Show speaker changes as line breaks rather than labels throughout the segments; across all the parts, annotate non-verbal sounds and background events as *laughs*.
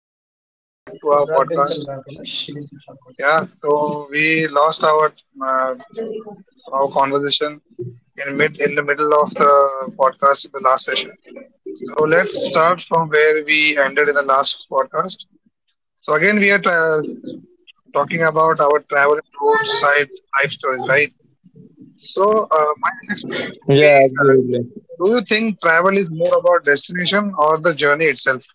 Kapil. Welcome back to our podcast. Yeah, so we lost uh, our conversation in the middle of the podcast, the last session. So let's start from where we ended in the last podcast. So again, we are talking about our travel and roadside life stories, right? So my
Yeah,
next question
absolutely.
would be: uh, Do you think travel is more about destination or the journey itself?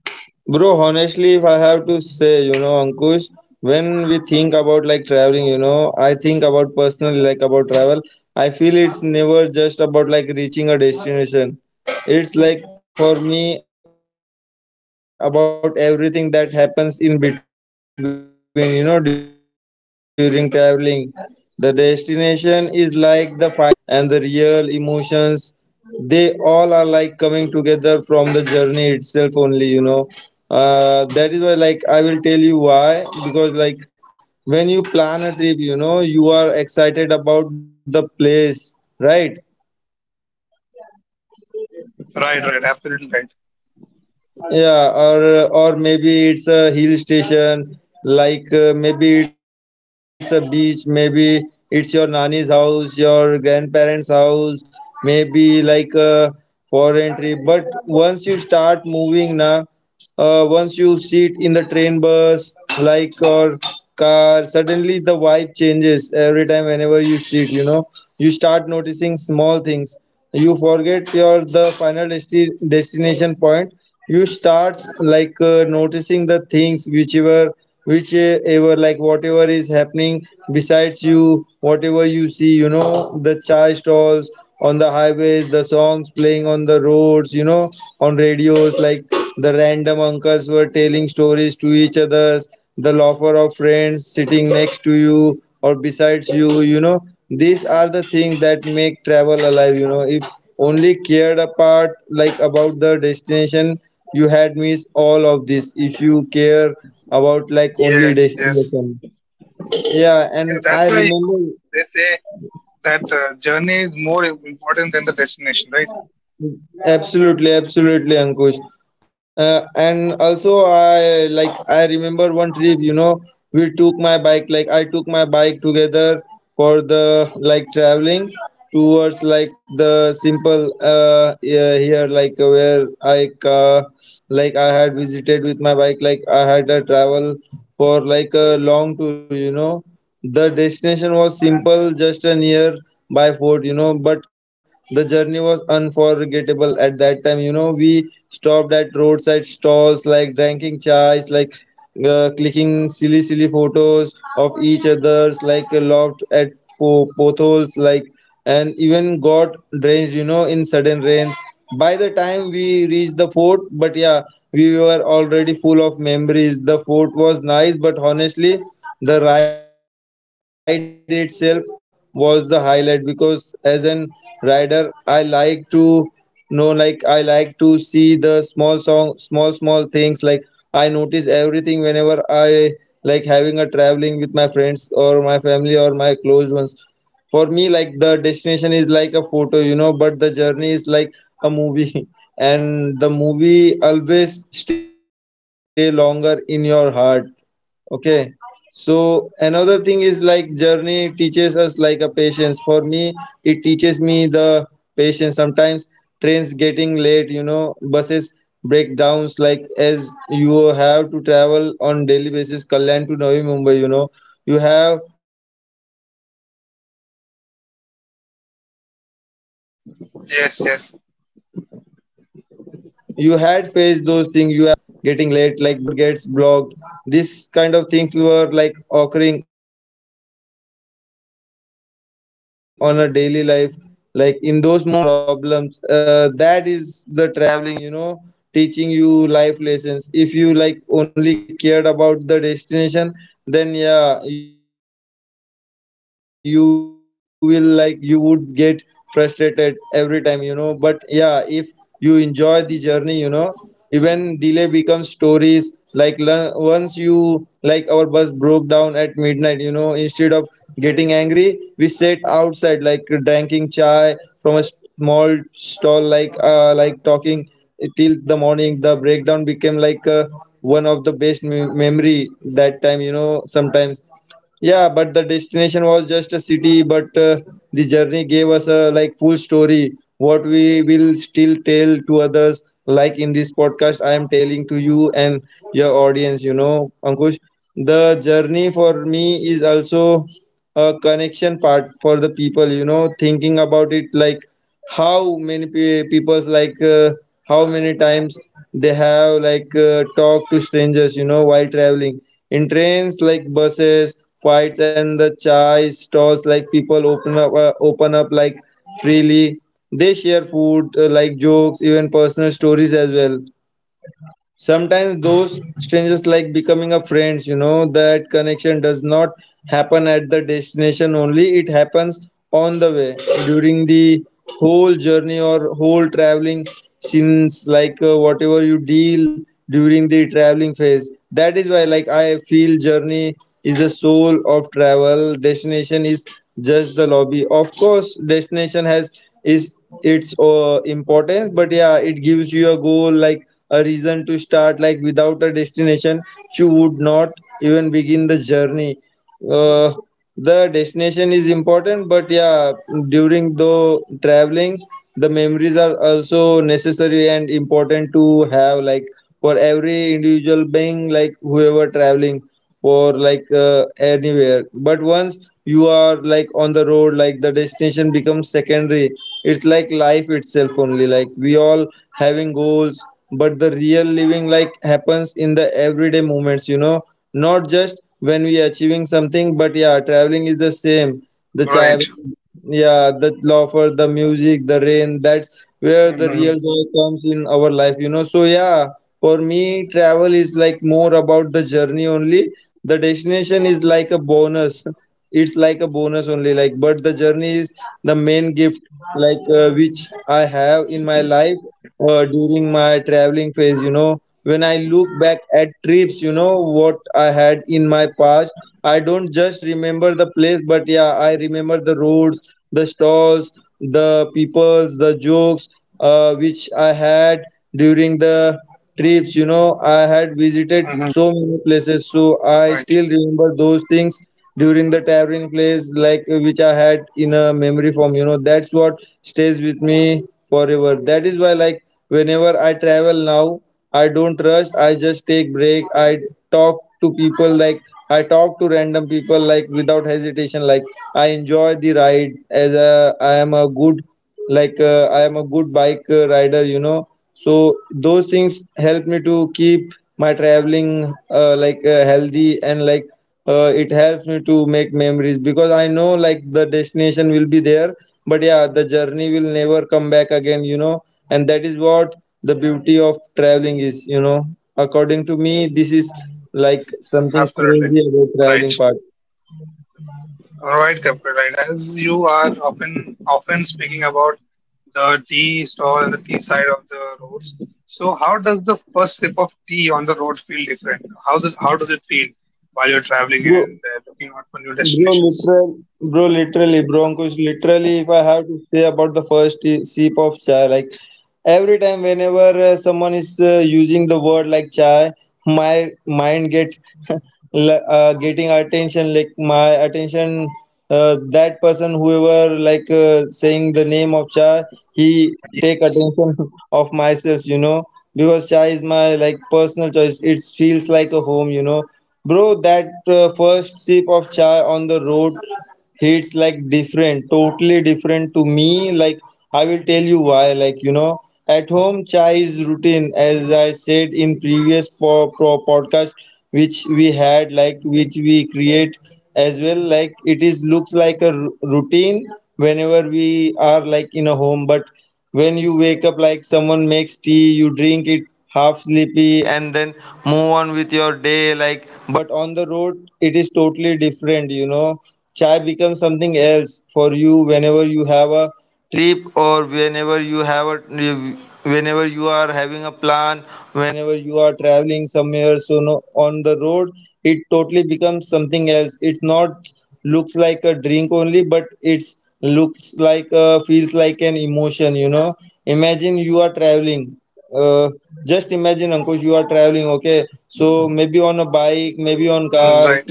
Bro, honestly, if I have to say, Ankush, when we think about like traveling, I think about personally, like about travel, I feel it's never just about like reaching a destination. It's like for me about everything that happens in between, during traveling. The destination is like the final point, you know, but the real fun, the real stories, and the real emotions they all are like coming together from the journey itself only. That is why like I will tell you why, because like when you plan a trip, you know you are excited about the place, right?
Right, right, absolutely right.
Yeah, or maybe it's a hill station, like maybe it's a beach, maybe it's your nani's house, your grandparents' house, maybe like a foreign trip. But once you start moving now, once you sit in the train, bus, like or car, suddenly the vibe changes every time whenever you sit. You know, you start noticing small things. You forget your the final destination point. You start like noticing the things, whichever like whatever is happening besides you, whatever you see, you know, the chai stalls on the highways, the songs playing on the roads, you know, on radios, like the random uncles were telling stories to each others, the loafer of friends sitting next to you or besides you, you know, these are the things that make travel alive, you know. If only cared apart like about the destination, you had missed all of this, if you care about like only
Yes, yes.
destination. Yeah,
Yeah,
and
that's
I
why you
remember.
know they say that journey is more important than the destination, right?
Absolutely, absolutely, Ankush. And also, I remember one trip. You know, we took my bike. Like I took my bike together for the like traveling towards like the simple yeah, here like where I like I had visited with my bike. Like I had a travel for like a long tour. You know, the destination was simple, just a nearby fort, you know, but the journey was unforgettable at that time. You know, we stopped at roadside stalls, like drinking chais, like clicking silly, silly photos of each other's, like laughed at potholes, like and even got drenched, you know, in sudden rains. By the time we reached the fort, but yeah, we were already full of memories. The fort was nice, but honestly, the ride itself was the highlight because as an rider, I like to know, like, I like to see the small song, small, small things. Like, I notice everything whenever I like having a traveling with my friends or my family or my close ones. For me, like the destination is like a photo, you know, but the journey is like a movie, *laughs* and the movie always stay longer in your heart. Okay. So another thing is like journey teaches us like a patience. For me, it teaches me the patience. Sometimes trains getting late, you know, buses breakdowns, like as you have to travel on daily basis Kalyan to Navi Mumbai, you know, you
Yes,
have,
yes,
you had faced those things, you are facing those things, like a train getting, like local trains getting late, like bus breakdowns, like or get like road gets blocked, this kind of things were like occurring on a daily life. Like in those moments you will learn to wait, you know, to adjust, to laugh at problems, that is the traveling, you know, teaching you life lessons. If you like only cared about the destination, then yeah you will like you would get frustrated every time, you know, but yeah if you enjoy the journey, you know, even delay becomes stories. Once you like our bus broke down at midnight, you know, instead of getting angry, we sat outside like drinking chai from a small stall, like talking till the morning. The breakdown became like one of the best memory that time, you know. Sometimes yeah, but the destination was just a city, but the journey gave us a like full story, what we will still tell to others. Like in this podcast, I am telling to you and your audience, you know, Ankush. The journey for me is also a connection part for the people, you know, thinking about it like how many people's like how many times they have like talked to strangers, you know, while traveling in trains, like buses, fights, and the chai stalls. Like people open up, like freely. They share food, like jokes, even personal stories as well sometimes. Those strangers like becoming a friends, you know. That connection does not happen at the destination only, it happens on the way during the whole journey or whole traveling, since like whatever you deal during the traveling phase. That is why like I feel journey is the soul of travel, destination is just the lobby. Of course destination has, is its importance, but yeah it gives you a goal, like a reason to start. Like without a destination you would not even begin the journey. uh, the destination is important, but yeah during the traveling the memories are also necessary and important to have, like for every individual being, like whoever traveling or like anywhere. But once you are like on the road, like the destination becomes secondary. It's like life itself only. Like we all having goals, but the real living like happens in the everyday moments, you know, not just when we are achieving something. But yeah traveling is the same. The child,
right.
yeah, the loafer, the music, the rain, that's where the
Hmm.
real joy comes in our life, you know. So, yeah, for me, travel is like more about the journey only. The destination is like a bonus, it's like a bonus only, like. But the journey is the main gift, like which I have in my life during my traveling phase, you know. When I look back at trips, you know, what I had in my past, I don't just remember the place, but yeah I remember the roads, the stalls, the peoples, the jokes, which I had during the trips. You know, I had visited so
Hmm.
many places, so I
Right,
still remember those things during the traveling place, like which I had in a memory form. You know, that's what stays with me forever. That is why, like, whenever I travel now, I don't rush. I just take break. I talk to people, like I talk to random people, like without hesitation. Like I enjoy the ride, as a I am a good like I am a good bike rider. You know, so those things help me to keep my traveling like healthy and like it helps me to make memories, because I know like the destination will be there, but yeah the journey will never come back again, you know, and that is what the beauty of traveling is, you know. According to me, this is like something
absolutely.
crazy about
Right,
traveling part.
right, Kapil. Right, as you are often speaking about the tea stall and the tea side of the roads. So, how does the first sip of tea on the road feel different? How does it feel while you're traveling
Bro,
and looking out for new
Bro,
destinations?
literal, Broncos. Literally, if I have to say about the first sip of chai, like every time, whenever someone is using the word like chai, my mind get *laughs* getting attention. Like my attention, that person, whoever like saying the name of chai, he
Mm.
take
Yes.
attention *laughs* of myself. You know, because chai is my like personal choice. It feels like a home. You know, bro, that first sip of chai on the road hits like different, totally different to me. Like, I will tell you why. Like, you know, at home, chai is routine, as I said in previous podcast, which we had, like, which we create as well. Like, it is looks like a routine whenever we are like in a home, but when you wake up like someone makes tea, you drink it half sleepy and then move on with your day. Like, but on the road, it is totally different, you know. Chai becomes something else for you whenever you have a trip, or whenever you have a, whenever you are having a plan, whenever you are traveling somewhere. So no, on the road it totally becomes something else. It not looks like a drink only, but it's looks like a, feels like an emotion, you know. Imagine you are traveling, uh, just imagine, Ankush, you are traveling, okay? So maybe on a bike, maybe on
Mm,
car,
right.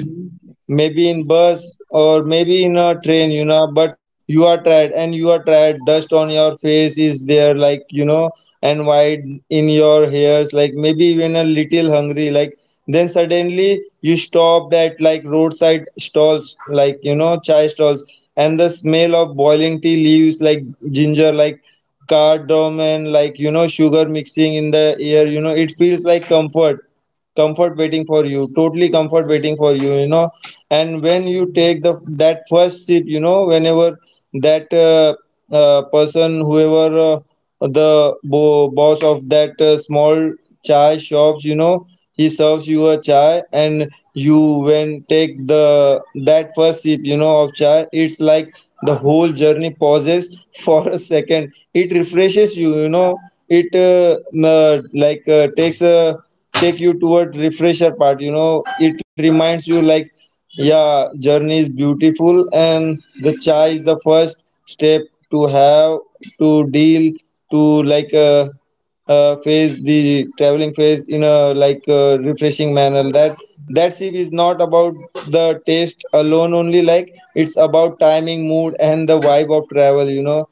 maybe in bus, or maybe in a train, you know. But you are tired, and you are tired, dust on your face is there like, you know, and white in your hairs like, maybe even a little hungry like. Then suddenly you stopped at like roadside stalls, like, you know, chai stalls, and the smell of boiling tea leaves like, ginger like, cardamom, and like, you know, sugar mixing in the air, you know, it feels like comfort, comfort waiting for you, totally comfort waiting for you, you know. And when you take the, that first sip, you know, whenever that person, whoever, the boss of that small chai shops, you know, he serves you a chai, and you, when take the, that first sip, you know, of chai, it's like the whole journey pauses *laughs* for a second, it refreshes you, you know. It like, takes a take you toward refresher part, you know, it reminds you like, yeah, journey is beautiful and the chai is the first step to have, to deal, to like phase the traveling phase in a like refreshing manner. That, that sip is not about the taste alone only, like it's about timing, mood, and the vibe of travel, you know.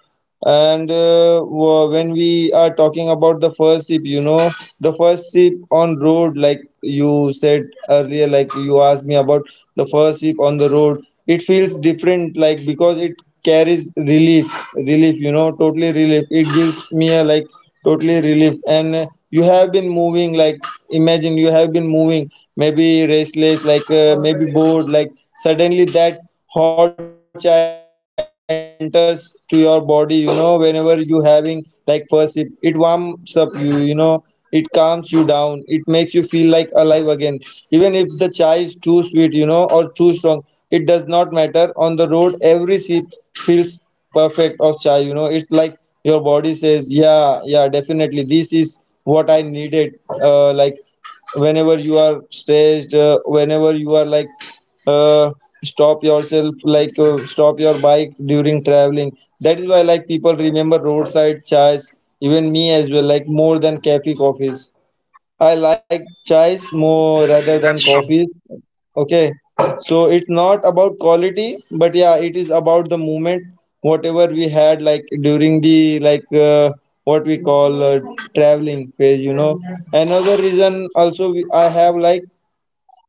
And when we are talking about the first sip, you know, the first sip on road, like you said earlier, like you asked me about the first sip on the road, it feels different, like because it carries relief, relief, you know, totally relief. It gives me a like totally relieved, and you have been moving like, imagine you have been moving, maybe restless like maybe bored like, suddenly that hot chai enters to your body, you know, whenever you having like first sip, it warms up you, you know, it calms you down, it makes you feel like alive again. Even if the chai is too sweet, you know, or too strong, it does not matter, on the road every sip feels perfect of chai, you know, it's like your body says, yeah, yeah, definitely this is what I needed. Uh, like whenever you are stressed, whenever you are like uh, stop yourself like stop your bike during traveling, that is why like people remember roadside chais, even me as well, like more than cafe coffees. I like chais more rather than
That's true.
coffees. Okay, so it's not about quality, but yeah, it is about the moment. Whatever we had like during the like what we call traveling phase, you know. Another reason also we, I have like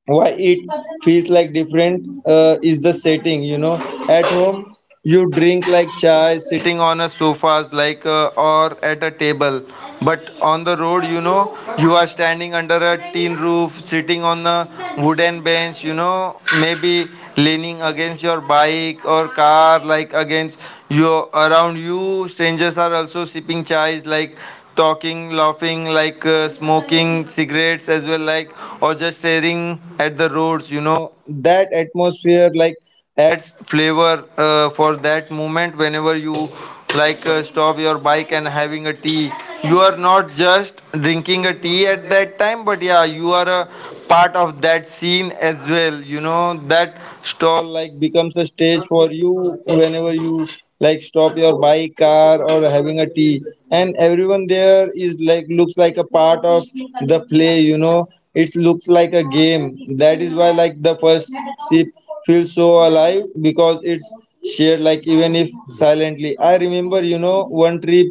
why it feels like different is the setting, you know. At home you drink like chai sitting on a sofas like or at a table, but on the road, you know, you are standing under a tin roof, sitting on a wooden bench, you know, maybe leaning against your bike or car, like against your, around you strangers are also sipping chais like, talking, laughing, like smoking cigarettes as well, like or just staring at the roads. You know, that atmosphere like adds flavor for that moment. Whenever you like stop your bike and having a tea, you are not just drinking a tea at that time, but yeah, you are a part of that scene as well. You know, that stall like becomes a stage for you whenever you like stop your bike, car, or having a tea, and everyone there is like looks like a part of the play, you know, it looks like a game. That is why like the first sip feels so alive, because it's shared, like even if silently. I remember, you know, one trip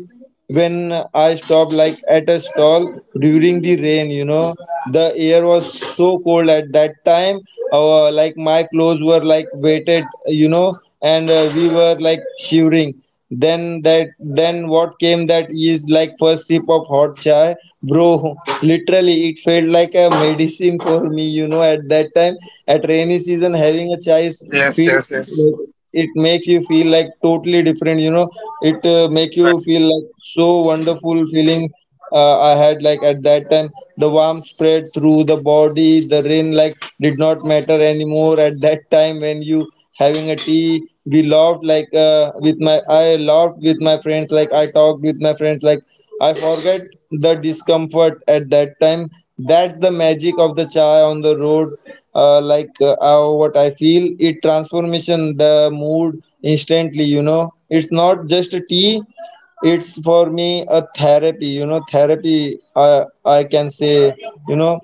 when I stopped like at a stall during the rain, you know. The air was so cold at that time, like my clothes were like weighted, you know, and we were like shivering. Then that, then what came, that is like first sip of hot chai, bro. Literally, it felt like a medicine for me. You know, at that time, at rainy season, having a chai is
Yes,
feel,
yes, yes.
it makes you feel like totally different. You know, it make you
Right,
feel like so wonderful feeling I had like at that time. The warmth spread through the body, the rain like did not matter anymore at that time when you having a tea. We laughed like with my, I laughed with my friends, like I talked with my friends, like I forget the discomfort at that time. That's the magic of the chai on the road. Uh, like what I feel, it transformation the mood instantly, you know, it's not just a tea, it's for me a therapy, you know, therapy, I can say, you know.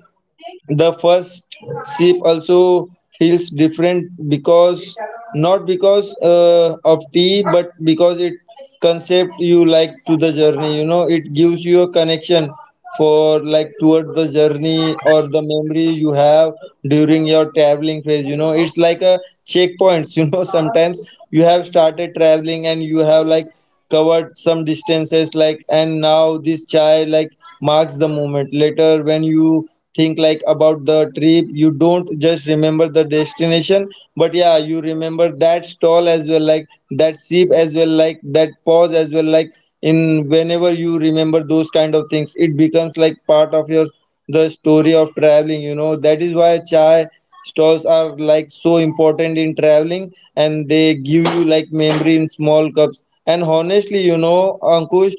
The first sip also feels different because, not because of tea, but because it concept you like to the journey, you know, it gives you a connection for, like toward the journey or
right,
the memory you have during your traveling phase, you know. It's like a checkpoints *laughs* you know. Sometimes you have started traveling and you have like covered some distances like, and now this chai like marks the moment. Later when you think like about the trip, you don't just remember the destination, but yeah, you remember that stall as well, like that sip as well, like that pause as well, like in whenever you remember those kind of things, it becomes like part of your, the story of traveling, you know. That is why chai stalls are like so important in traveling, and they give you like memory in small cups. And honestly, you know, Ankush,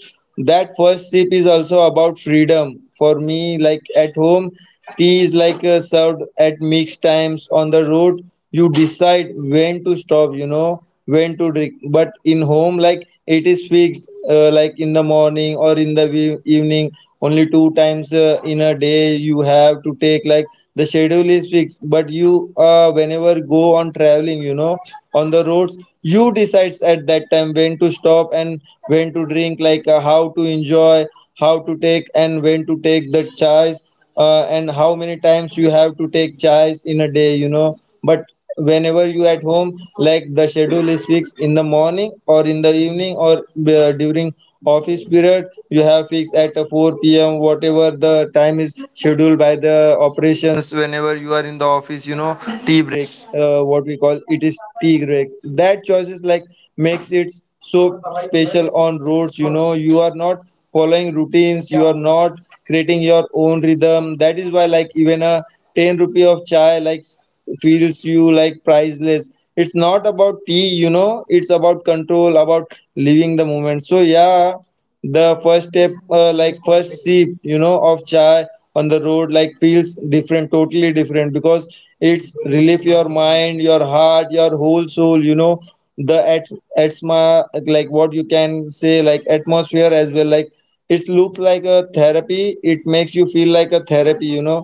that first sip is also about freedom for me. Like at home, tea is like served at mixed times. On the road you decide when to stop, you know, when to drink, but in home, like it is fixed like in the morning or in the evening, only two times in a day you have to take like, the schedule is fixed. But you whenever go on traveling, you know, on the roads, you decides at that time when to stop and when to drink, like how to enjoy, how to take and when to take, the choice, and how many times you have to take chais in a day, you know. But whenever you at home, like the schedule is fixed in the morning or in the evening, or during office period you have fixed at 4 p.m whatever the time is scheduled by the operations whenever you are in the office, you know, tea breaks, what we call it is tea break. That choices like makes it so special on roads, you know, you are not following routines, you yeah are not, creating your own rhythm. That is why like even a 10 rupee of chai like feels you like priceless. It's not about tea, you know, it's about control, about living the moment. So yeah, the first step, like first sip, you know, of chai on the road like feels different, totally different, because it's relief, your mind, your heart, your whole soul, you know, the at, atma like what you can say, like atmosphere as well, like it looks like a therapy, it makes you feel like a therapy, you know,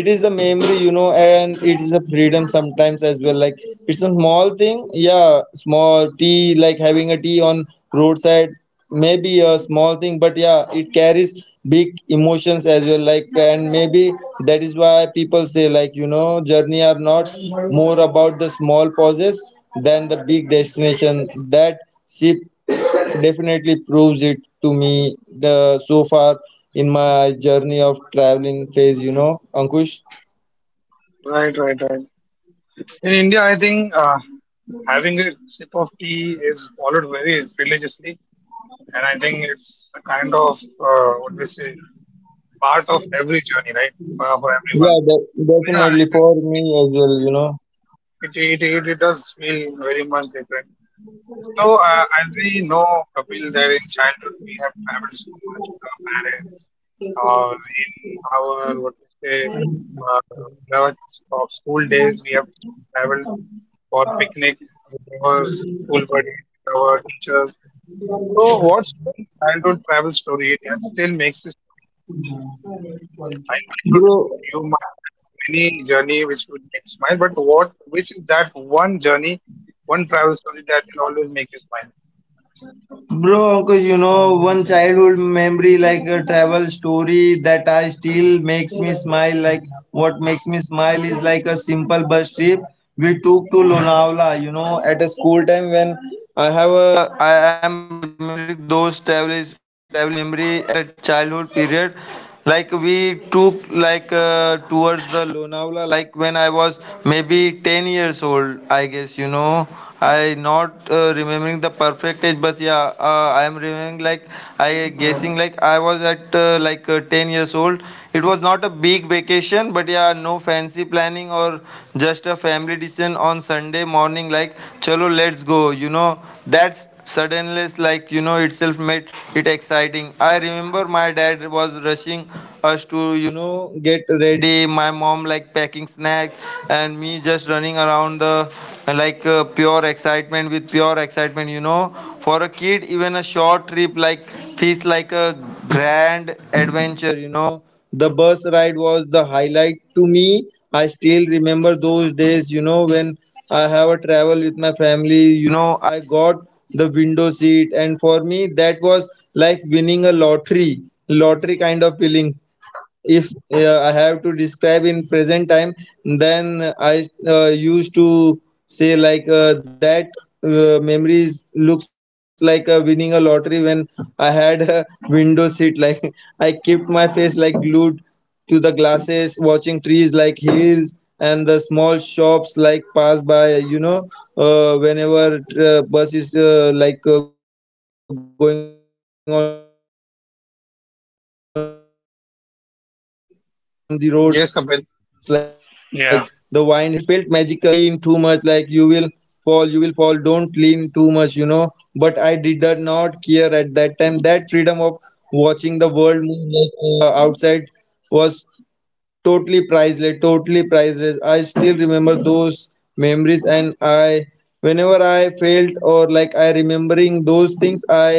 it is the memory, you know, and it is a freedom sometimes as well, like it's a small thing, yeah, small tea like having a tea on roadside, maybe a small thing, but yeah, it carries big emotions as well, like, and maybe that is why people say, like, you know, journey are not more about the small pauses than the big destination. That ship definitely proves it to me, the so far in my journey of traveling phase, you know, Ankush.
right, right, right. In India, I think having a sip of tea is followed very religiously, and I think it's a kind of what we say part of every journey, right, for
Yeah,
everyone. So yeah,
definitely
it
for
is.
me
It
as well, you know,
it, it, it, it does feel very much different. So, as we know, Kapil, that in childhood we have traveled so much with our parents or in our, what we say, in our school days, we have traveled for picnic with our school buddies, with our teachers. So, what's one childhood travel story that still makes you smile? I know it would,
bro.
you might have many journey which would make smile, but what, which is that one journey, one travel story that will always make you smile?
Bro, because you know, one childhood memory like a travel story that I still makes me smile. Like what makes me smile is like a simple bus trip we took to Lonavala. You know, at a school time when I have a I am remembering those travels traveling memory at a childhood period, like we took like towards the Lonavala, like when I was maybe 10 years old, I guess, you know, I not remembering the perfect age, but yeah, I am remembering like, I guessing like I was at like 10 years old. It was not a big vacation, but yeah, no fancy planning, or just a family decision on Sunday morning, like, chalo, let's go. You know, that's suddenness, like, you know, itself made it exciting. I remember my dad was rushing us to, you know, get ready, my mom, like, packing snacks, and me just running around the, like, pure excitement, with pure excitement, you know. For a kid, even a short trip, like, feels like a grand adventure, you know, the bus ride was the highlight to me. I still remember those days, you know, when I have a travel with my family. You know, I got the window seat, and for me that was like winning a lottery, kind of feeling. If I have to describe in present time, then I used to say like that memories looks like winning a lottery when I had a window seat. Like *laughs* I kept my face like glued to the glasses, watching trees like hills and the small shops like pass by. You know, whenever bus is like going on the roads, like the wind hitting my face, like the smell of rains on the roads, like it felt magical. My mom like
Yes,
kept
Kapil.
me telling like,
Yeah.
don't lean too much, like you will fall, you will fall, don't lean too much, you know. But I did not care at that time. That freedom of watching the world move, like outside, was totally priceless, totally priceless. I still remember those memories, and I whenever I felt, or like I remembering those things, i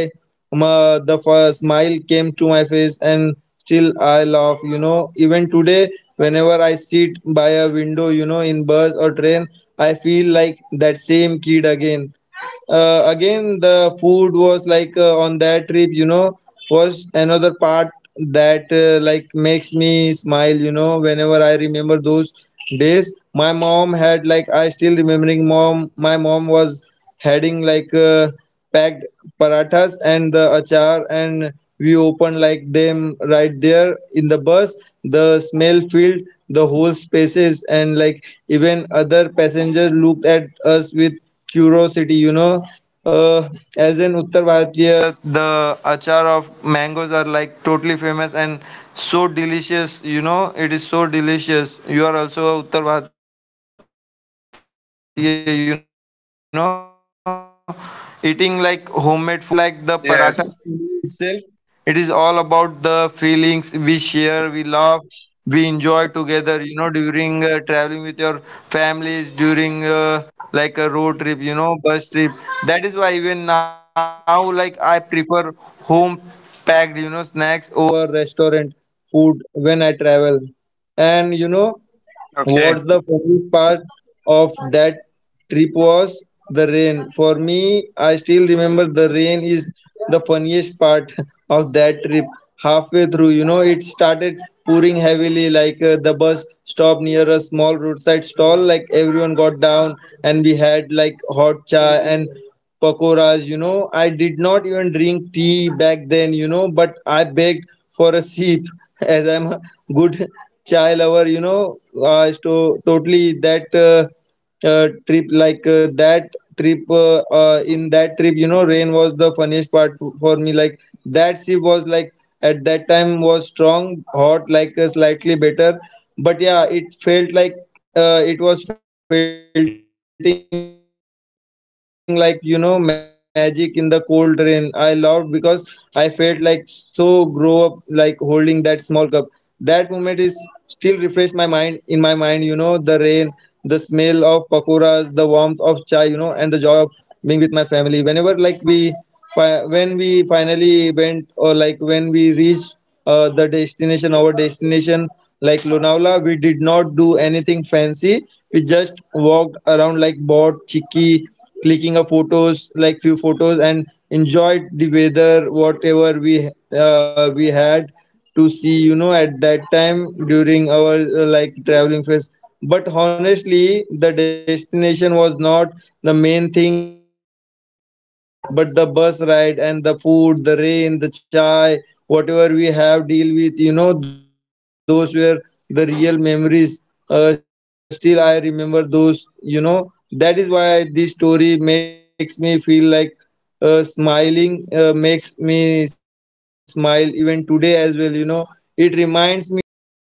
ma, the first smile came to my face, and still I laugh, you know, even today. Whenever I sit by a window, you know, in bus or train, I feel like that same kid again. Again, the food was like on that trip, you know, was another part that like makes me smile, you know. Whenever I remember those days, my mom had like, I still remembering mom, my mom was heading like packed parathas and the achar, and we opened like them right there in the bus. The smell filled the whole spaces, and like even other passengers looked at us with curiosity, you know. uh, as an uttar bharatiya, the achar of mangoes are like totally famous and so delicious, you know. It is so delicious. You are also a uttar bharatiya, you know. Eating like homemade food while traveling has a different taste, and it's not about like the paratha
Yes.
itself. It is all about the feelings we share, we love, we enjoy together, you know, during traveling with your families, during like a road trip, you know, bus trip. That is why even now, like, I prefer home packed, you know, snacks over restaurant food when I travel. And
Okay.
what's the funniest part of that trip was the rain. For me, I still remember the rain is the funniest part *laughs* of that trip. Halfway through, you know, it started pouring heavily, like the bus stopped near a small roadside stall. Like everyone got down, and we had like hot chai and pakoras. You know, I did not even drink tea back then, you know, but I begged for a sip *laughs* as I'm a good chai lover, you know. Totally that. Trip like that trip in that trip, you know, rain was the funniest part for me. Like that sea was like at that time was strong hot, like slightly better, but yeah, it felt like it was felting like, you know, magic in the cold rain. I loved because I felt like so grow up, like holding that small cup. That moment is still refreshed my mind, in my mind, you know. The rain, the smell of pakoras, the warmth of chai, you know, and the joy of being with my family. Whenever like we when we finally went, or like when we reached the destination, our destination, like Lonavala, we did not do anything fancy. We just walked around, like bought chicky, clicking a photos, like few photos, and enjoyed the weather whatever we, we had to see, you know, at that time during our like traveling phase. But honestly, the destination was not the main thing at that time for us, but the bus ride and the food, the rain, the chai, whatever we have deal with, you know, those were the real memories. Still I remember those, you know. That is why this story makes me feel like smiling, makes me smile even today as well, you know. It reminds me that like happiness does not like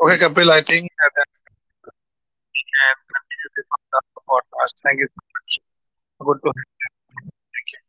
Okay, Kapil, I think that's it for today, and we can continue this on the other podcast. Thank you so much. Good to have you on the podcast. Thank you.